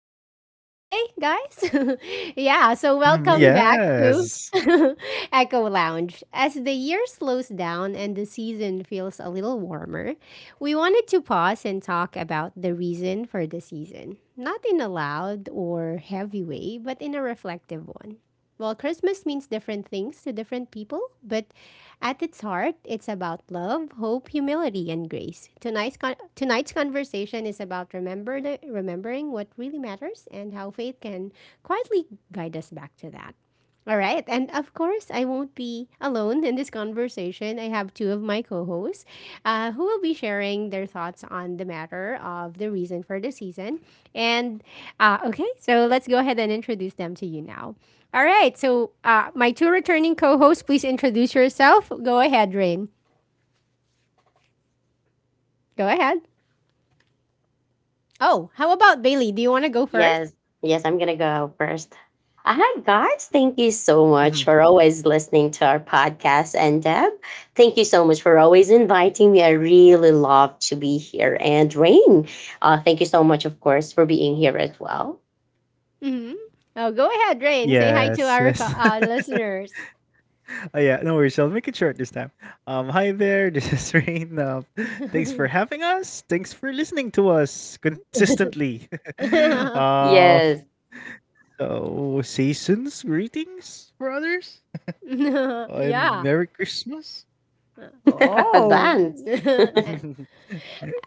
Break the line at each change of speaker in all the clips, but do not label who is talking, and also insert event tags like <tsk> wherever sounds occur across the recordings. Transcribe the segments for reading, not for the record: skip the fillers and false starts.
you having a wonderful day, guys? <laughs> Yeah, so
Mhm,
welcome
Yes.
back to
yes.
<laughs> Echo Lounge. As the year slows down and the season feels a little warmer, we wanted to pause and talk about the reason for the season. Not in a loud or heavy way, but in a reflective one. Well, Christmas means different things to different people, but at its heart, it's about love, hope, humility, and grace. Tonight's conversation is about remembering what really matters and how faith can quietly guide us back to that. All right, and of course, I won't be alone in this conversation discussion, I have two of my co hosts who will be sharing their thoughts on the matter of the reason for the season. And Okay, so let's go ahead and introduce them to you now. All right, so my two returning co hosts, please introduce yourself. Go ahead, Rain. Go ahead. Oh, how about Bailey? Do you want to go first?
Yes. Yes, I'm going to go first. Hi, guys. Thank you so
Mhm.
much for always listening to our podcast. And Deb, thank you so much for always inviting me. I really love to be here. And Rain, thank you so much, of course, for being here as well.
Mm-hmm. Oh, go ahead, Rain. Say hi to
Yes,
our
yes. <laughs>
listeners. <laughs>
Oh, yeah, no worries. I'll make it short this time. Hi there. <laughs> This is Rain. Thanks for having us. Thanks for listening to us consistently. <laughs> Uh,
Yes.
so seasons greetings for others,
<laughs>
<laughs> and
yeah.
Merry Christmas.
<laughs>
Oh.
Advance.
<laughs>
<laughs>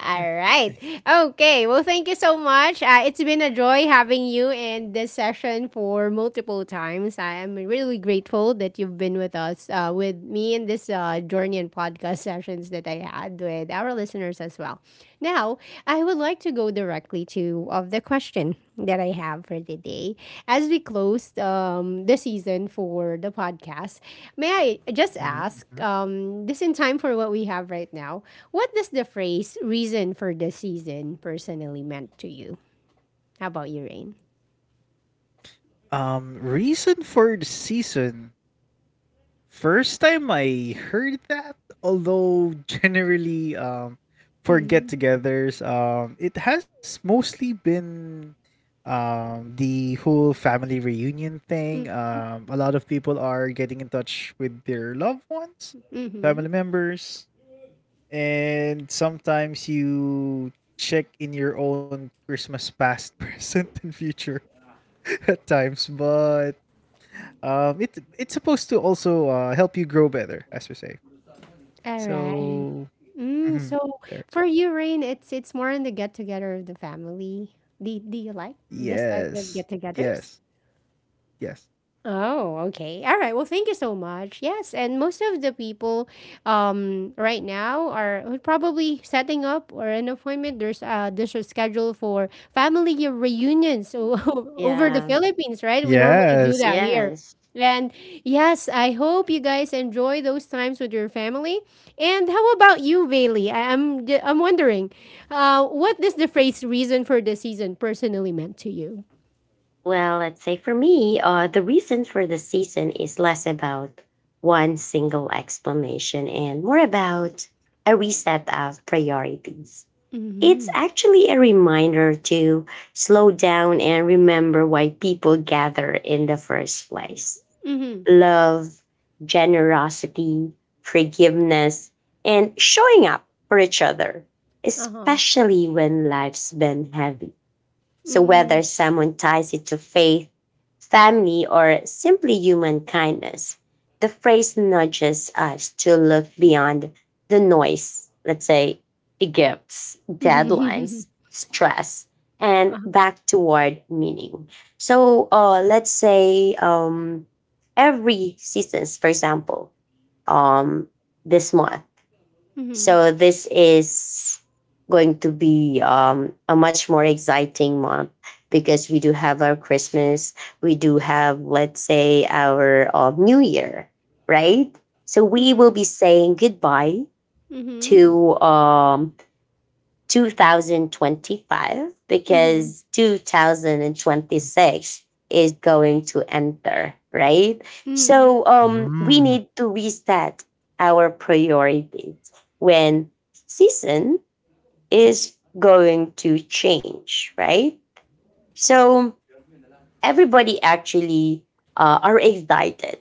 All right. Okay. Well, thank you so much. It's been a joy having you in this session for multiple times. I am really grateful that you've been with us, with me in this journey and podcast <laughs> sessions that I had with our listeners as well. Now, I would like to go directly to of the question that I have for today. As we closed the season for the podcast, may I just
Mhm,
ask,
mhm.
this in time for what we have right now, what does the phrase reason for the season personally meant to you? How about you, Rain?
Reason for the season. First time I heard that, although generally for
Mm-hmm.
get-togethers, it has mostly been the whole family reunion thing. Um, a lot of people are getting in touch with their loved ones,
Mm-hmm.
family members, and sometimes you check in your own Christmas past, <laughs> present, and future <laughs> at times, but it's supposed to also help you grow better, as we say.
All right.
So Mhm.
So
There
for you, Rain, it's more on the get together of the family. Do you like this type
yes.
of get
Yes.
togethers?
Yes.
Oh, okay. All right. Well, thank you so much. Yes, and most of the people right now are probably setting up or an appointment. There's a schedule for family reunions <laughs> over the
Yeah.
Philippines, right? We normally do
Yes.
that here.
Yes.
And yes, I hope you guys enjoy those times with your family. And how about you, Bailey? I'm I'm wondering, what is the phrase "reason for the season" personally meant to you?
Well, let's say for me, the reason for the season is less about one single explanation and more about a reset of priorities. It's
Mm-hmm.
actually a reminder to slow down and remember why people gather in the first place:
Mm-hmm.
love, generosity, forgiveness, and showing up for each other,
Uh huh.
especially when life's been heavy. So, whether
Mm,
someone ties it to faith, family, or simply human kindness, the phrase nudges us to look beyond the noise, let's say, gifts,
mhm.
deadlines,
<laughs>
stress, and
Uh-huh.
back toward meaning. So, let's say every seasons, for example, um, this month,
Mhm,
so this is going to be a much more exciting month because we do have our Christmas, we do have, let's say, our New Year, right? So we will
mhm,
be saying goodbye
mhm,
to 2025,
mhm.
because 2026 is going to enter, right?
Hmm.
So we
Mm.
need to reset our priorities when season is going to change, right? So everybody actually are excited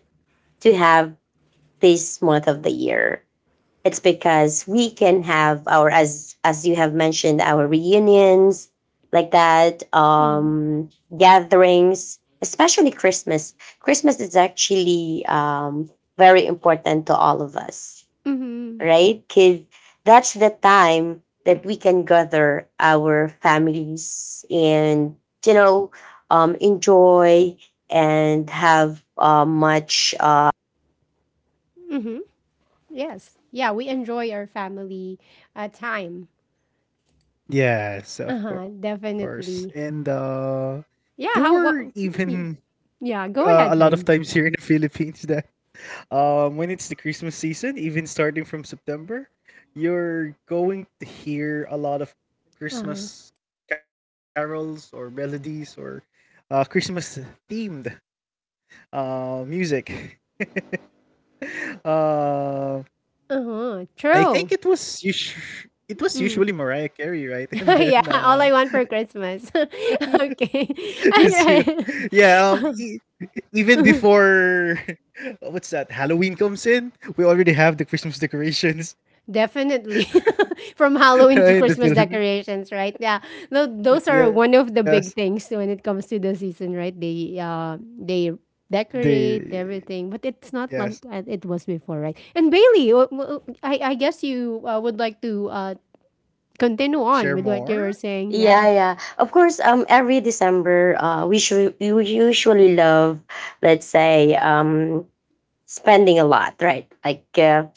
to have this month of the year. It's because we can have our, as you have mentioned, our reunions like that,
Hmm.
gatherings, especially Christmas. Christmas is actually very important to all of us,
Mhm,
right? Because that's the time that we can gather our families and you know enjoy and have much
mhm. Yes. Yeah, we enjoy our family time.
Yes, of
Uh-huh,
course. And,
definitely.
uh, there were
Yeah, how what
even,
Yeah,
a
go
lot of
ahead,
times
Rain.
here in the Philippines <laughs> that, when it's the Christmas season, even starting from September, you're going to hear a lot of
Uh-huh.
Christmas carols or melodies, or Christmas themed, music. <laughs> Um
Uh-huh.
I think it
True.
was usu it was usually
Mm.
Mariah Carey, right? <laughs>
<laughs>
And then,
yeah, all I want for Christmas. <laughs>
<laughs>
okay.
it's you.
<laughs> All right.
Yeah, e
<laughs>
even before <laughs> what's that? Halloween comes in, we already have the Christmas decorations
Definitely. <laughs> From
<laughs>
Halloween to
in the
Christmas
Philippines.
decorations, right? Yeah. Those are
Yes,
one of the big things when it comes to the season, right? They
they
decorate everything, but it's
yes.
not like it was before, right? And Bailey, I guess you would like to continue on
Share
with what you were
more?
saying. Yeah.
Yeah, yeah. Of course, every December, we should you usually love, let's say, spending a lot, right? Like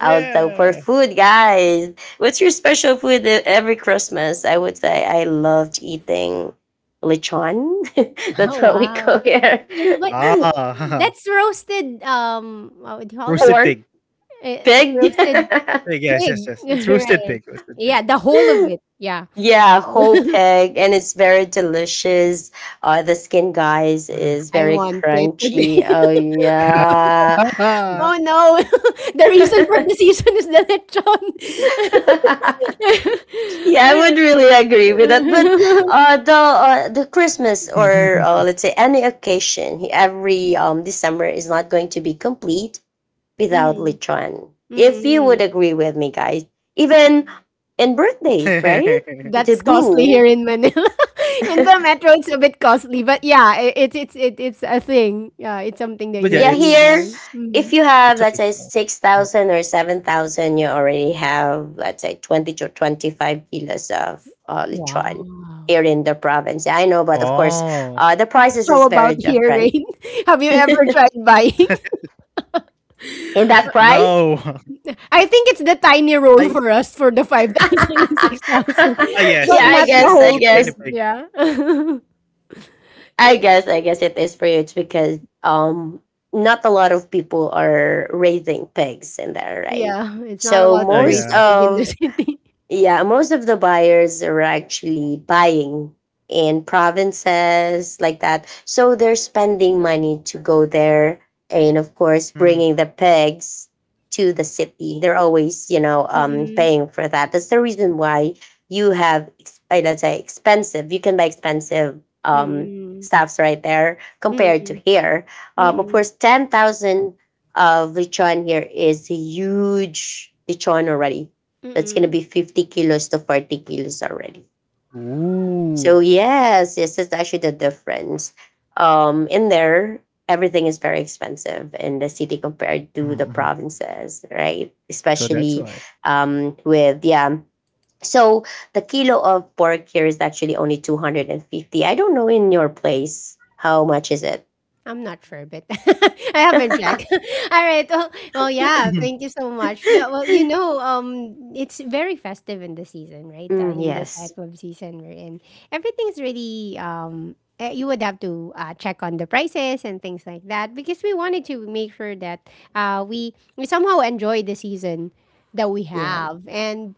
also for food, guys. What's your special food every Christmas? I would say I loved eating lechon.
Mm.
<laughs>
<laughs> Oh
That's what we
wow.
call here.
Yeah, but
Ah,
that's roasted. What would you
<laughs>
call
<laughs>
this?
roasted
Pork,
pig.
Uh,
pig.
roasted
Pig, yes,
pig,
yes, yes.
<laughs>
It's roasted
right?
pig, roasted pig.
Yeah, the whole of
<laughs>
it. Yeah.
Yeah, whole
<laughs>
pig, and it's very delicious. The skin,
Mhm.
guys, is
I
very
want it
crunchy.
today.
Oh
<laughs>
yeah,
Ah.
oh no. <laughs> the reason for
<laughs>
the season is the lechon.
yeah, I would
<laughs>
really agree with that. But the
<laughs>
Christmas or let's say any occasion, every December is not going to be complete without
Mhm.
lechon. If you would
Mhm.
agree with me, guys, even in birthdays, right?
That's costly here
Debut.
in Manila. <laughs> in the
<laughs>
metro it's a bit costly, but yeah, it's a thing. Yeah, it's something
But yeah,
that you
Yeah,
really buy.
it's
here, if
Mhm.
you
it's
have, let's say,
occasional. Mm.
6,000 or 7,000, you already have, let's say, 20 to 25 kilos of lechon
Wow.
here in the province. Yeah, I
Oh,
know, but of course, the prices
How
is
about
very
here,
different.
Rain? <laughs> Have
<laughs>
you
In
ever tried
<laughs>
buying
that
no.
price?
<laughs>
I think it's the tiny
I
roll for us for the 5,000 and 6,000,
ah,
<laughs>
yes,
<laughs>
but
Yeah,
yes,
I
not
that's
the
guess,
the
I
whole
plaintiff
pig.
guess,
bird.
Yeah. <laughs>
I
Y-
guess, I guess it is for you. It's because not a lot of people are raising pigs in there, right?
yeah. It's not
So
allowed
Yeah,
to raise
most
yeah.
pig in the <laughs>
of,
city.
yeah, most of the buyers are actually buying in provinces like that. So they're spending money to go there and of course
Mhm.
bringing the pigs to the city. They're always, you know,
Mm-mm.
paying for that. That's the reason why you have let's say expensive. You can buy expensive
Mm-mm.
stuffs right there compared to
Mm-mm.
here. Of
Mm-mm.
course 10,000 of lechon here is a huge lechon already, that's going to
Mm-mm.
be 50 kilos to 40 kilos already.
Ooh.
So, yes, yes, that's actually the difference. In there, everything is very expensive in the city
Mhm,
compared
mhm.
to the provinces, right?
So that's why.
Especially yeah. So, the kilo of pork here is actually only 250. I don't know in your place how much is it.
I'm not sure, but <laughs> I haven't checked.
<laughs>
<laughs> All right. Well, well, yeah.
Mhm.
Thank you so much. Yeah. Well, you know, it's very festive in the season, right?
Mm,
In this
yes.
type of season we're in, everything's really You would have to check on the prices and things like that because we wanted to make sure that we somehow enjoy the season that we
Yeah.
have and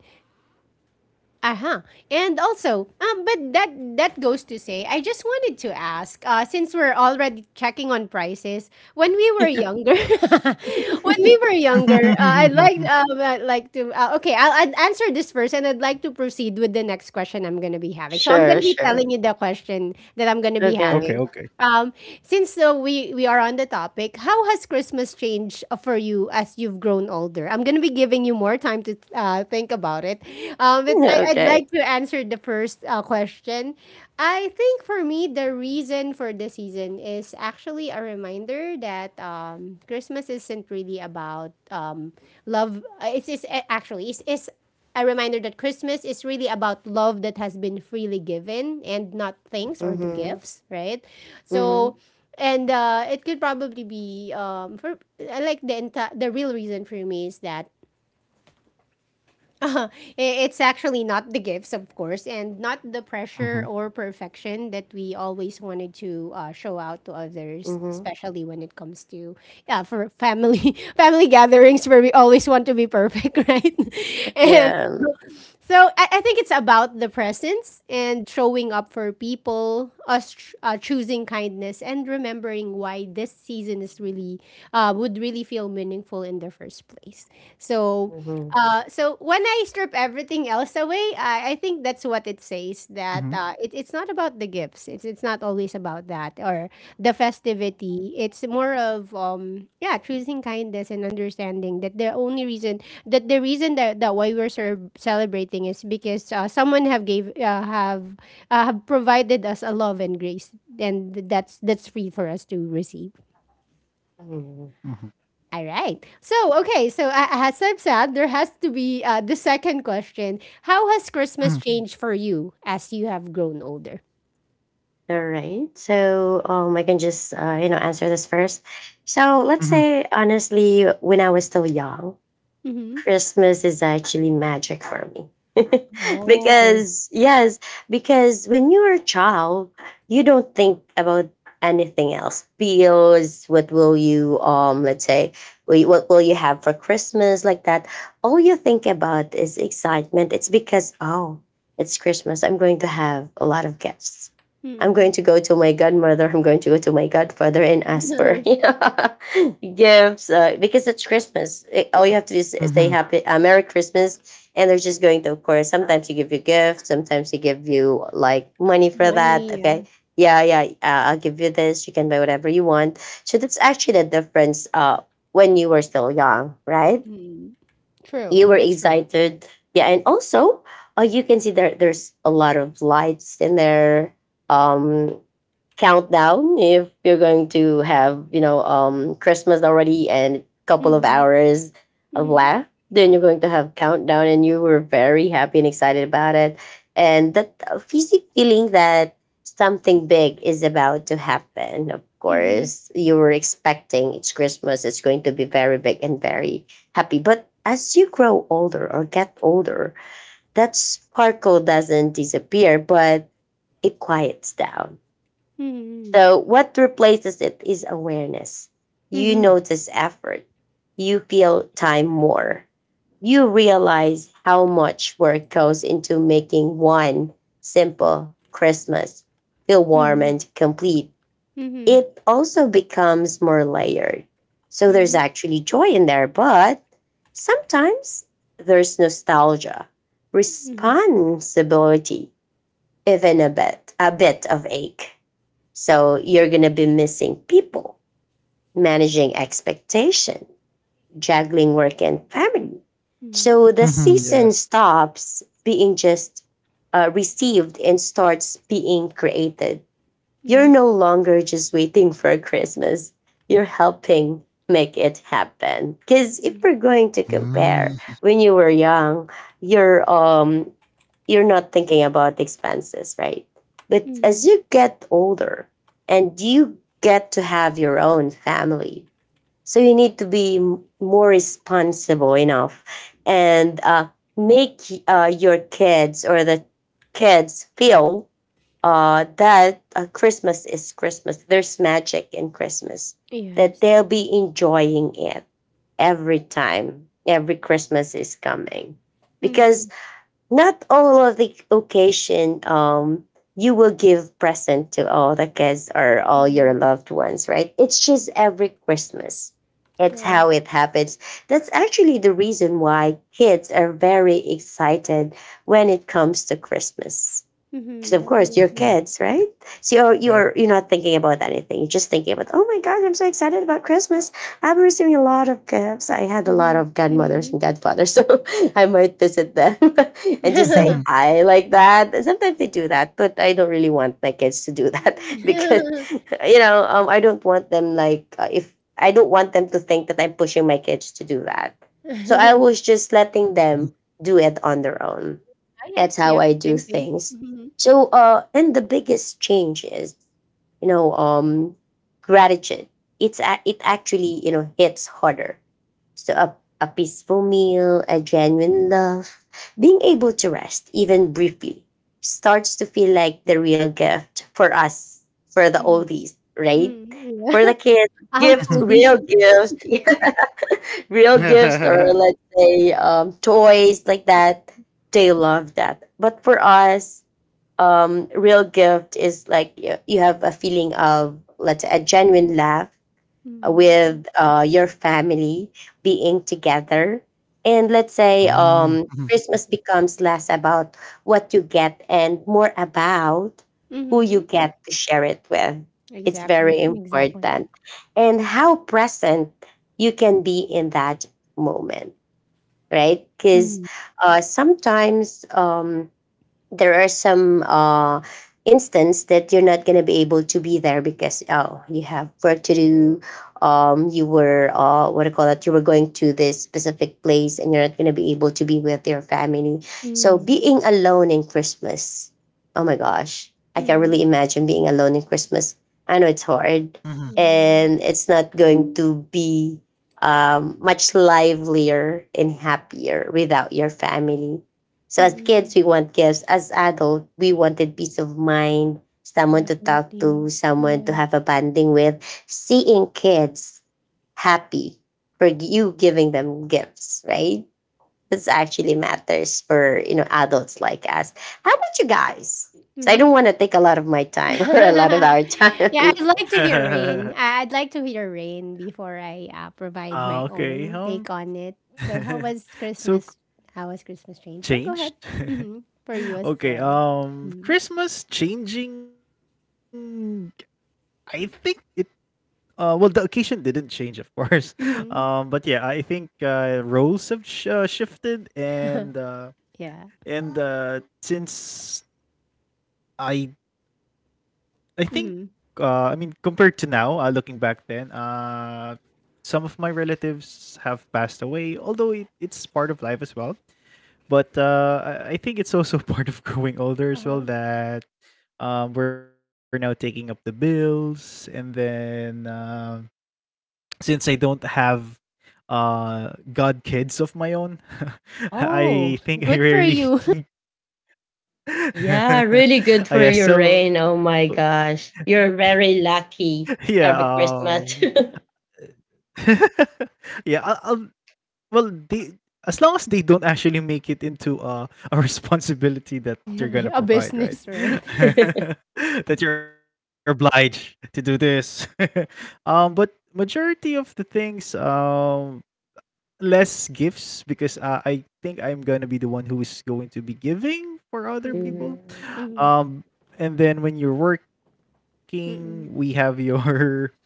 uh-huh. And also, but that goes to say, I just wanted to ask, since we're already checking on prices, when we were
<laughs>
younger, <laughs> when we were younger,
<laughs>
I'd like to okay, I'd answer this first, and I'd like to proceed with the next question I'm gonna be having. So I'm
Sure,
gonna be
sure.
telling you the question that I'm gonna be
Okay.
having.
Okay.
Um, since though we are on the topic, how has Christmas changed for you as you've grown older? I'm gonna be giving you more time to think about it.
<laughs>
I'd
Okay.
like to answer the first question. I think for me, the reason for the season is actually a reminder that Christmas isn't really about love. It's actually it's a reminder that Christmas is really about love that has been freely given and not things or the
Mm-hmm.
gifts, right? So,
Mm-hmm.
and it could probably be for I like the entire the real reason for me is that <laughs> i- it's actually not the gifts, of course, and not the pressure
Mhm,
or perfection that we always wanted to show out to others,
Mhm.
especially when it comes to yeah for family <laughs> family gatherings where we always want to be perfect, <laughs> right? <laughs> and
Yeah.
so I think it's about the presence and showing up for people, us choosing kindness and remembering why this season is really would really feel meaningful in the first place. So,
Mhm.
so when I strip everything else away, I think that's what it
mhm,
says that it's not about the gifts. It's not always about that or the festivity. It's more of yeah, choosing kindness and understanding that the only reason that the reason that, that why we're celebrating is because someone have gave have provided us a love and grace and that's free for us to receive.
mhm,
Mhm.
All right. So, okay. So, as I've said, there has to be the second question. How has Christmas changed for you as you have grown older?
All right. So, I can just you know answer this first. So,
mhm,
let's
mhm,
say honestly, when I was still young,
Mm-hmm.
Christmas is actually magic for me. <laughs>
Oh.
Because, yes, because when you're a child, you don't think about anything else. Bills, what will you, let's say, what will you have for Christmas, like that. All you think about is excitement. It's because, oh, it's Christmas. I'm going to have a lot of gifts. I'm going
Mm.
to go to my godmother. I'm going to go to my godfather and ask for, <laughs> you
<laughs>
know, gifts, because it's Christmas. All you have to do is
mhm,
say happy, Merry Christmas, and they're just going to, of course, sometimes they give you gifts, sometimes they give you like money for that.
Money, yeah.
Okay. Yeah, yeah, I'll give you this. You can buy whatever you want. So that's actually the difference when you were still young, right?
Mm. True.
You were
That's true.
excited. Yeah. And also, you can see there's a lot of lights in there. Um, countdown if you're going to have you know Christmas already, and a couple of
Mhm.
hours
Mhm.
left, then you're going to have countdown and you were very happy and excited about it, and that fizzy feeling that something big is about to happen. Of
Mhm.
course you were expecting, it's Christmas, it's going to be very big and very happy. But as you grow older or get older, that sparkle doesn't disappear, but it quiets down.
Mhm.
So, what replaces it is awareness. You
Mhm.
notice effort. You feel time more. You realize how much work goes into making one simple Christmas feel warm
Mhm.
and complete.
Mhm.
It also becomes more layered. So,
Mhm.
there's
Mhm.
actually joy in there, but sometimes there's nostalgia,
Mhm.
responsibility, even a bit of ache, so you're going to be missing people, managing expectation, juggling work and family. So the
mhm, yeah.
season stops being just received and starts being created. You're
Mhm.
no longer just waiting for Christmas. You're helping make it happen. Because if
Mhm.
we're going to
Mm.
compare, when you were young, you're um you're not thinking about expenses, right? But as
Mhm.
you get older and you get to have your own family, so you need to be more responsible enough and make your kids or the kids feel that Christmas is Christmas. There's magic in Christmas that
Yes.
they'll be enjoying it every time, every Christmas is coming. Because
Mhm.
not all of the occasion you will give present to all the kids or all
Mhm.
your loved ones, right? It's just every Christmas. It's
True.
how it happens. That's actually the reason why kids are very excited when it comes to Christmas because
Mhm.
of course your
Mhm.
Definitely.
kids,
Yeah.
right? So you're not thinking about anything. You're just thinking about, oh my gosh, I'm so excited about Christmas. I'm receiving a lot of gifts. I had a lot
Mhm.
of godmothers
Mhm.
and godfathers, <laughs> so I might visit them <laughs> and just
Mhm,
say hi like that. And sometimes they do that, but I don't really want my kids to do that <laughs> because
<laughs>
you know I don't want them like if I don't want them to think that I'm pushing my kids to do that. So
Ah,
I was just letting
mhm,
them do it on their own,
yeah.
that's how
Yeah.
I do
Same thing.
things.
Mhm.
So, and the biggest change is, you know, gratitude. It actually you know hits harder. So a peaceful meal, a genuine love, being able to rest even briefly starts to feel like the real gift for us, for the
Mhm.
oldies, right?
Mhm. Yeah.
For the
mhm.
kids,
<laughs> Out
gifts,
all these.
real gifts, <laughs> yeah, real
Mm,
gifts, or let's say toys like that. They love that. But for us, real gift is like you have a feeling of, let's say, a genuine laugh
Mhm.
with your family being together. And let's say
mhm,
Christmas becomes less about what you get and more about who you
Mhm.
get to share it with.
<laughs>
It's
Exactly.
very
Exactly.
important, and how present you can be in that moment, right? Because
Mhm.
sometimes there are some instance that you're not going to be able to be there because, oh, you have work to do, you were what do you call it, you were going to this specific place and you're not going to be able to be with your family. So
Mm,
being alone in Christmas, oh my gosh, I can really
mm.
imagine being alone in Christmas. I know it's hard,
mhm.
Yeah.
and it's not going to be much livelier and happier without your family. So as kids,
Mm.
we want gifts. As adult, we wanted peace of mind, someone to talk
Definitely.
to, someone to have a
Yes.
bonding with. Seeing kids happy for you giving them gifts, right? This actually matters for you know adults like us. How about you guys? 'Cause I
Mhm.
don't want to take a lot of my
<laughs>
time <laughs> or a lot of our
Yeah,
time. <laughs>
I'd like to hear
<laughs>
Rain.
<laughs>
I'd like to hear Rain before I provide
Ah,
my
okay,
own take on it. So, how
<laughs>
was
so,
Christmas? How was Christmas strange? Go go
changed?
ahead. Mm-hmm. For you as
Okay.
the. Mm-hmm.
Christmas changing. I think it. Well, the occasion didn't change, of course. <laughs> But
Mm-hmm.
yeah, I think roles have shifted,
Yeah.
and since I, I think. I mean,
Mm-hmm.
compared to now, looking back then, some of my relatives have passed away. Although it, it's part of life as well. But I think it's also <laughs> part of growing older as
Uh
well
huh.
that we're now taking up the bills. And then <tsk> since I don't have god kids of my own, <laughs> I
Oh,
think I
good for
rarely.
you.
<laughs>
Yeah, really good for
Yeah,
your
so
rain. Oh my gosh. You're very
yeah,
lucky every Christmas. <laughs>
<laughs> yeah. I'll well they as long as they don't actually make it into a <laughs> responsibility that you're
<laughs>
gonna
A
provide right
business, right?
<laughs> that you're obliged to do this. <laughs> But majority of the things, less gifts because I think I'm gonna be the one who is going to be giving for other
Mm-hmm.
people.
Mhm.
Um and then when you're working, we have <laughs>
Mm-hmm.
your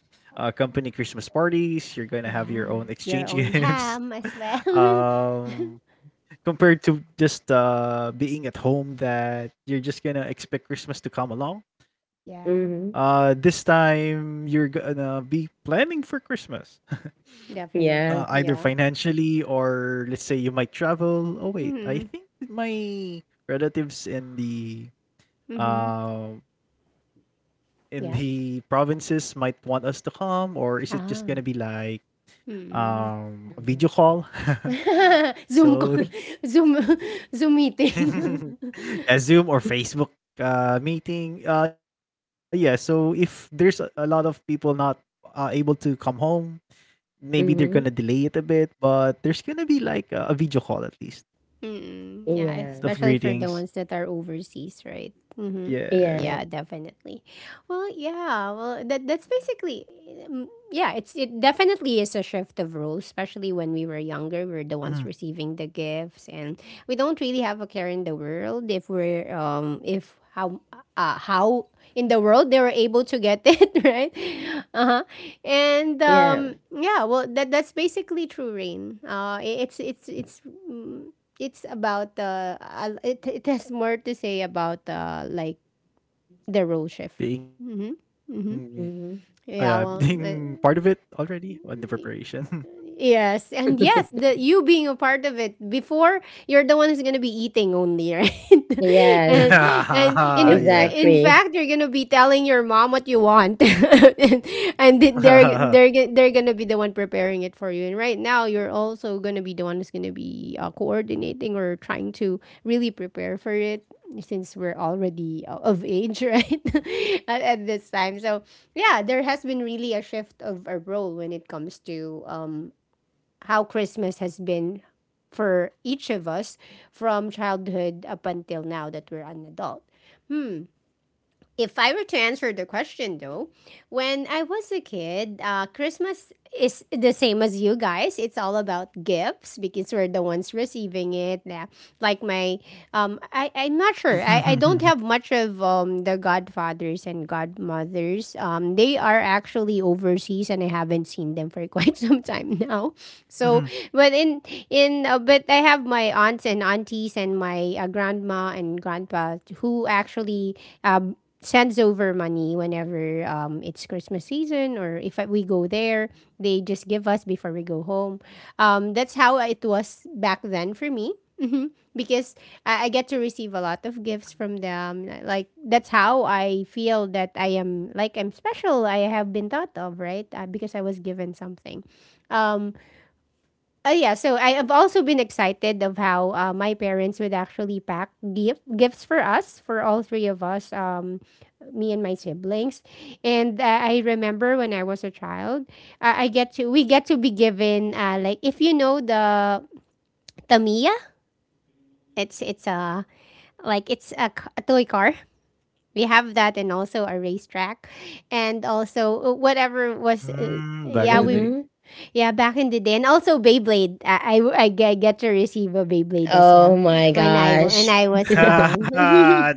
company Christmas parties. You're gonna have
Yeah,
your own
your
exchange <laughs>
own ham
gifts.
as well. <laughs>
Um, compared to just being at home, that you're just gonna expect Christmas to come along.
Yeah,
Mhm.
This time you're gonna be planning for Christmas,
Yeah.
definitely.
<laughs>
Yeah.
either financially or let's say you might travel. Oh
Mm-hmm.
wait, I think my relatives in the
Mm-hmm.
um in the
Yes.
provinces might want us to come, or is it just gonna be
Ah.
like
Mm.
video
Mhm.
call.
<laughs>
<laughs>
Zoom call.
So
<laughs> Zoom <laughs> Zoom meeting.
<laughs>
<laughs>
yeah, Zoom or Facebook meeting. Yeah, so if there's a lot of people not able to come home, maybe they're gonna
Mhm.
delay it a bit, but there's gonna be like a video call at least
Mm, yeah,
Yeah.
especially
of
for the ones
greetings.
that are overseas, right? Mm-hmm.
Yeah.
Yeah,
Yes,
definitely. Well, yeah, well, that's basically, yeah, it's it definitely is a shift of roles, especially when we were younger. We're the ones
mhm.
receiving the gifts, and we don't really have a care in the world if we're if how how in the world they were able to get <laughs> it, right? Uh-huh. And
Yeah.
yeah, well that's basically true rain. Mm, it's about it it has more to say about like the role shift. Mm-hmm.
Being
Mm-hmm.
<laughs>
Mhm.
Yeah.
being part of it already on the preparation.
Yes, and yes, the you being a part of it before you're the one who's gonna be eating only, right? <laughs> and
Yes,
and
<laughs> Yeah.
in
exactly.
fact, you're gonna be telling your mom what you want, <laughs> and
<laughs>
they're gonna be the one preparing it for you. And right now, you're also gonna be the one who's gonna be coordinating or trying to really prepare for it since we're already of age, <laughs> right? At this time, so yeah, there has been really a shift of a role when it comes to how Christmas has been for each of us from childhood up until now that we're an adult. If I were to answer the question though, when I was a kid, Christmas is the same as you guys. It's all about gifts because we're the ones receiving it. Yeah. Like my, I'm not sure. I don't have
<laughs>
much of the godfathers and godmothers. They are actually overseas and I haven't seen them for <laughs> quite some time now. So,
Mhm.
but in but I have my aunts and aunties and my grandma and grandpa who actually um, sends over money whenever it's Christmas season, or if we go there, they just give us before we go home. That's how it was back then for me. Because I get to receive a lot of gifts from them. Like, that's how I feel that I am, like, I'm special. I have been thought of, right? Because I was given something. Um, yeah, so I have also been excited of how my parents would actually pack gifts for us, for all three of us, me and my siblings. And I remember when I was a child, I get to we get to be given like if you know the Tamiya, it's a like a toy car. We have that and also a racetrack, and also whatever was
Mm,
yeah
back in
we
the
Mhm.
day.
yeah, back in the day, and also Beyblade. Get to receive a Beyblade as
Oh
well
my
when when
gosh.
I was
<laughs>
<laughs>
young.
Ha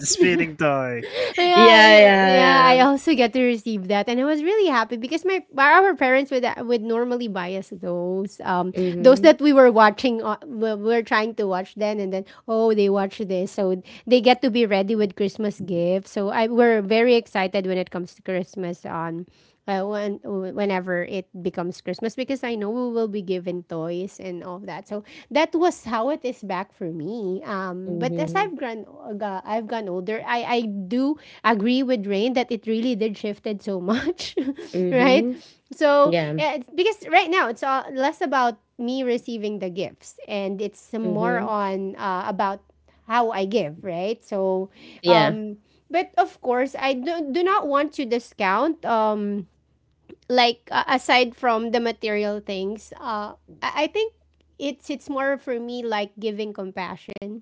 <laughs>
The spinning toy.
Yeah,
Yeah,
yeah,
yeah. I
yeah.
also get to receive that, and I was really happy because my our parents would normally buy us those
Mhm.
that we were watching we were trying to watch then, and then oh they watch this, so they get to be ready with Christmas gifts. So I we're very excited when it comes to Christmas on when, whenever it becomes Christmas because I know we will be given toys and all that. So that was how it is back for me. But as
Mhm.
I've grown, I've gone older, I do agree with Rain that it really did shifted so much, <laughs> right?
Mhm.
So
Yeah.
yeah, it's, because right now it's all less about me receiving the gifts and it's more
Mhm.
on about how I give, right? So,
Yeah.
um, but of course, do not want to discount like aside from the material things, I think it's more for me like giving compassion,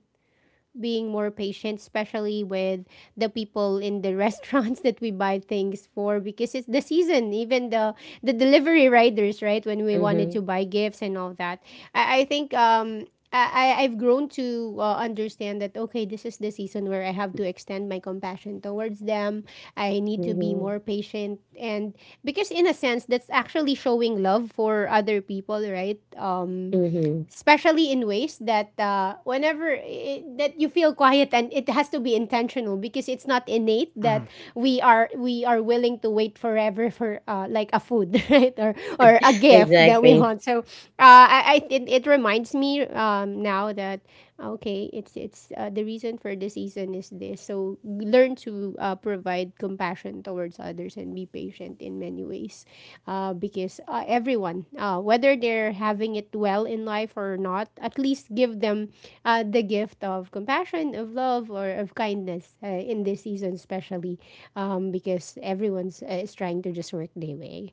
being more patient, especially with the people in the restaurants <laughs> that we buy things for because it's the season, even the delivery riders, right? When we wanted to
Mhm.
buy gifts and all that. I think I've grown to understand that okay, this is the season where I have to extend my compassion towards them. I need to be
Mhm.
more patient, and because in a sense, that's actually showing love for other people, right?
Mhm.
Especially in ways that whenever I that you feel quiet and it has to be intentional because it's not innate that
Mhm.
we are willing to wait forever for like a food <laughs> right, or a gift that we
Exactly.
want. So I it reminds me now that okay it's the reason for the season is this, so so learn to provide compassion towards others and be patient in many ways, because everyone, whether they're having it well in life or not, at least give them the gift of compassion, of love, or of kindness in this season, especially because everyone's is trying to just work their way.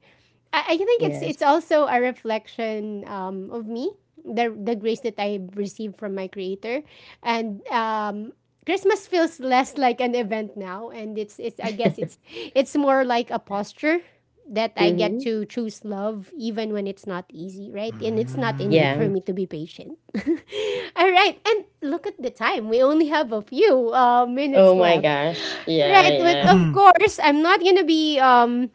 I think it's
Yes.
also a reflection of me, the grace that I received from my Creator, and Christmas feels less like an event now, and it's I guess
<laughs>
it's more like a posture that I get
Mhm.
to choose love even when it's not easy, right? And it's not innate for
Yeah.
me
Mm.
to be patient. <laughs> All right, and look at the time. We only have a few
Oh
minutes
my
left.
gosh. Yeah,
Right, but
yeah.
of
Mhm.
course, I'm not gonna be um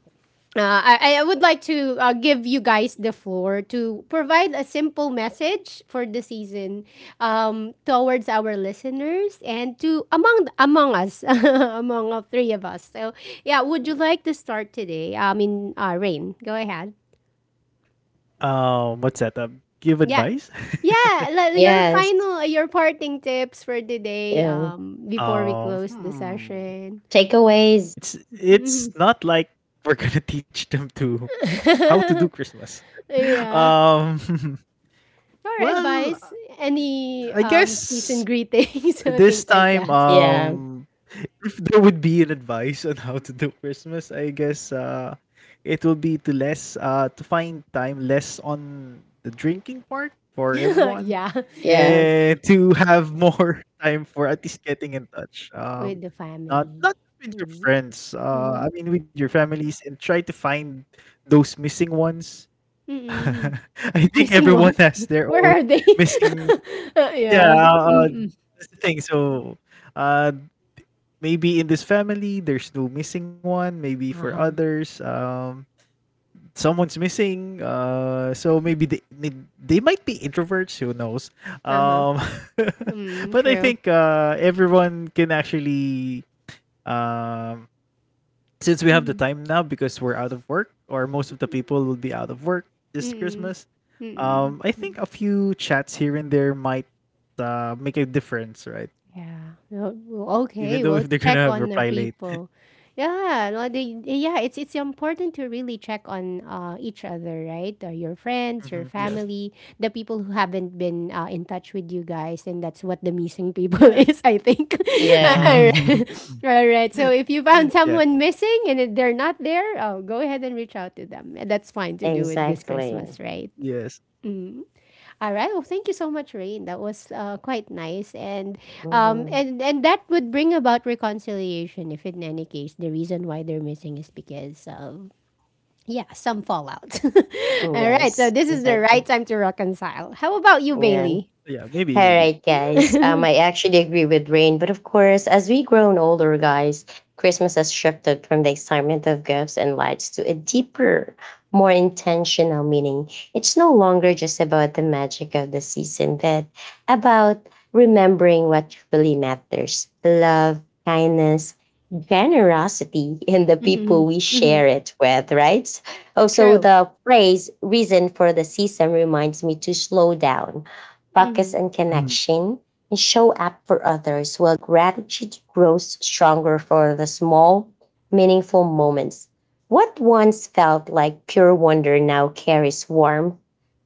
uh, I would like to give you guys the floor to provide a simple message for the season towards our listeners and to among us, <laughs> among all three of us. So, yeah, would you like to start today? I mean, Rain, go ahead.
What's that? Give
Yeah,
advice. <laughs>
yeah. Your
Yes.
final, your parting tips for today
Yeah.
before we
Um,
close the
hmm.
session.
Takeaways.
it's, it's not like we're gonna <laughs> teach them to how to do Christmas. <laughs>
Yeah.
Um, <laughs>
Or
well,
advice, any
I
season
guess
greetings, <laughs>
this
things like
time,
that.
Yeah.
if there would be an advice on how to do Christmas, I guess it will be to less to find time less on the drinking part for everyone
<laughs> Yeah,
Yeah.
and to have more <laughs> time for at least getting in touch. Um,
with the
not
family.
not with your
Mm-hmm.
friends.
Mm-hmm.
I mean with your families, and try to find those missing ones. <laughs>
Mm-mm.
I
<laughs>
think
Missing
everyone
ones.
has their
<laughs> Where
own
are they?
<laughs>
<laughs>
missing. Yeah,
Yeah. Mm-mm.
that's the thing. So uh, maybe in this family there's no missing one, maybe for
Uh huh.
others someone's missing. Uh, so maybe they might be introverts, who knows.
Uh huh.
um <laughs>
Mm,
but I
true.
think everyone can actually, um since we have the
Mm-hmm.
time now because we're out of work or most of the people will be out of work this
Mm-mm.
Christmas,
Mm-mm.
I think a few chats here and there might make a difference, right?
Yeah. No, well,
Even
okay.
though
We'll
if they're
check
gonna
on the
reply late.
repo. Yeah. No, they, yeah. It's important to really check on each other, right? Your friends,
Mhm,
your
yes,
family, the people who haven't been in touch with you guys, and that's what the missing people <laughs>
yes.
is, I think. <laughs> All
Yeah,
right.
<laughs>
<laughs> All right. So if you found
Yeah.
someone missing and if they're not there, oh, go ahead and reach out to them. That's fine to do it this
exactly.
Christmas, right?
Yes.
All right. Well, thank you so much, Rain. That was quite nice, and
Mhm.
and that would bring about reconciliation. If in any case the reason why they're missing is because of yeah some fallout. <laughs> All right. So
Yes,
this is the right
exactly.
time to reconcile. How about you,
Yeah. All
Bailey?
Yeah. Maybe. Maybe.
right, guys. I actually agree with Rain, but of course, as we grown older, guys, Christmas has shifted from the excitement of gifts and lights to a deeper, more intentional meaning. It's no longer just about the magic of the season, but about remembering what really matters: love, kindness, generosity, <laughs> and the people we
Mm-hmm. Mm-hmm.
share it with. Right. Also,
True.
the phrase "reason for the season" reminds me to slow down, focus
Mm-hmm.
on
Mhm.
connection, and show up for others, while gratitude grows stronger for the small, meaningful moments. What once felt like pure wonder now carries warmth,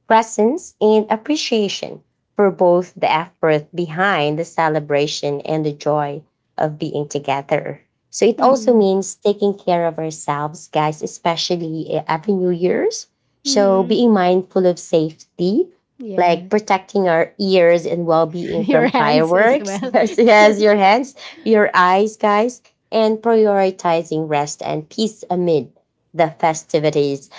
presence, and appreciation for both the effort behind the celebration and the joy of being together. So it also
Mm-hmm.
means taking care of ourselves, guys, especially every New Year's. So
Mm-hmm.
being mindful of safety,
Yeah.
like protecting our ears and
<laughs>
well-being
Your
from
hands as
fireworks.
well.
<laughs> Yes, yes,
<laughs>
your hands, your eyes, guys, and prioritizing rest and peace amid the festivities.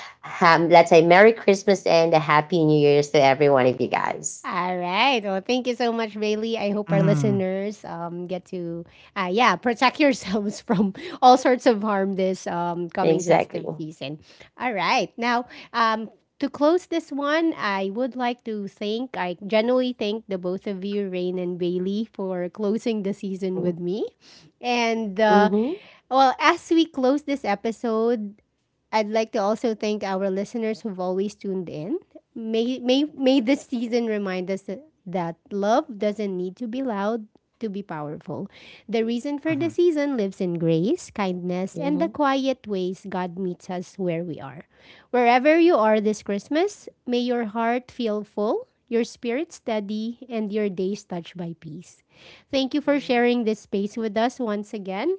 Let's say Merry Christmas and a Happy New Year's to every one of you guys.
All right. Well, thank you so much, Bailey. I hope our
Mhm.
listeners get to, yeah, protect yourselves <laughs> from all sorts of harm this coming
Exactly.
festive season. All right. Now, um, to close this one, I would like to thank, I generally thank the both of you, Rain and Bailey, for closing the season with
Mm-hmm.
me. And,
Mm-hmm.
well, as we close this episode, I'd like to also thank our listeners who've always tuned in. May this season remind us that love doesn't need to be loud to be powerful. The reason for the
Mhm.
season lives in grace, kindness, and the
Mm-hmm.
quiet ways God meets us where we are. Wherever you are this Christmas, may your heart feel full, your spirit steady, and your days touched by peace. Thank you for sharing this space with us once again.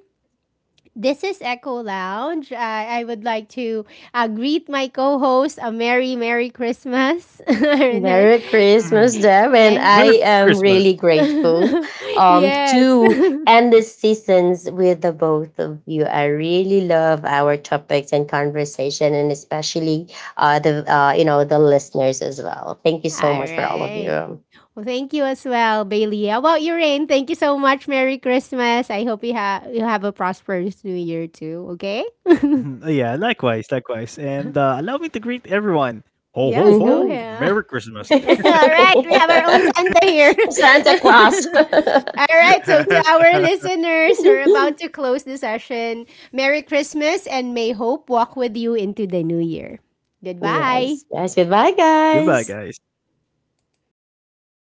This is Echo Lounge. I would like to greet my co host a Merry, Merry Christmas. <laughs> Arnett.
Merry Christmas,
Mhm.
Deb, and
Eh.
I
Merry
am
Christmas.
really grateful
<laughs> Yes. <laughs>
to
All
end the seasons with the both of you. I really love our topics and conversation, and especially the you know the listeners as well. Thank you so much for all of
right.
you.
Well, thank you as well, Bailey. How about you, Rain? Thank you so much. Merry Christmas. Have you have a prosperous new year too, okay?
<laughs> Yeah, likewise, likewise. And allow me to greet everyone. Ho, ho,
Yes, go
ho.
Mm-hmm.
ahead.
Merry
<laughs>
Christmas.
<laughs> All right, we have our own Santa here.
<laughs> Santa Claus.
<laughs> All right, so to our
<laughs>
listeners, we're about to close the session. Merry Christmas and may hope walk with you into the new year.
<laughs>
Goodbye.
Yes, guys. Goodbye,
Goodbye,
guys.
guys.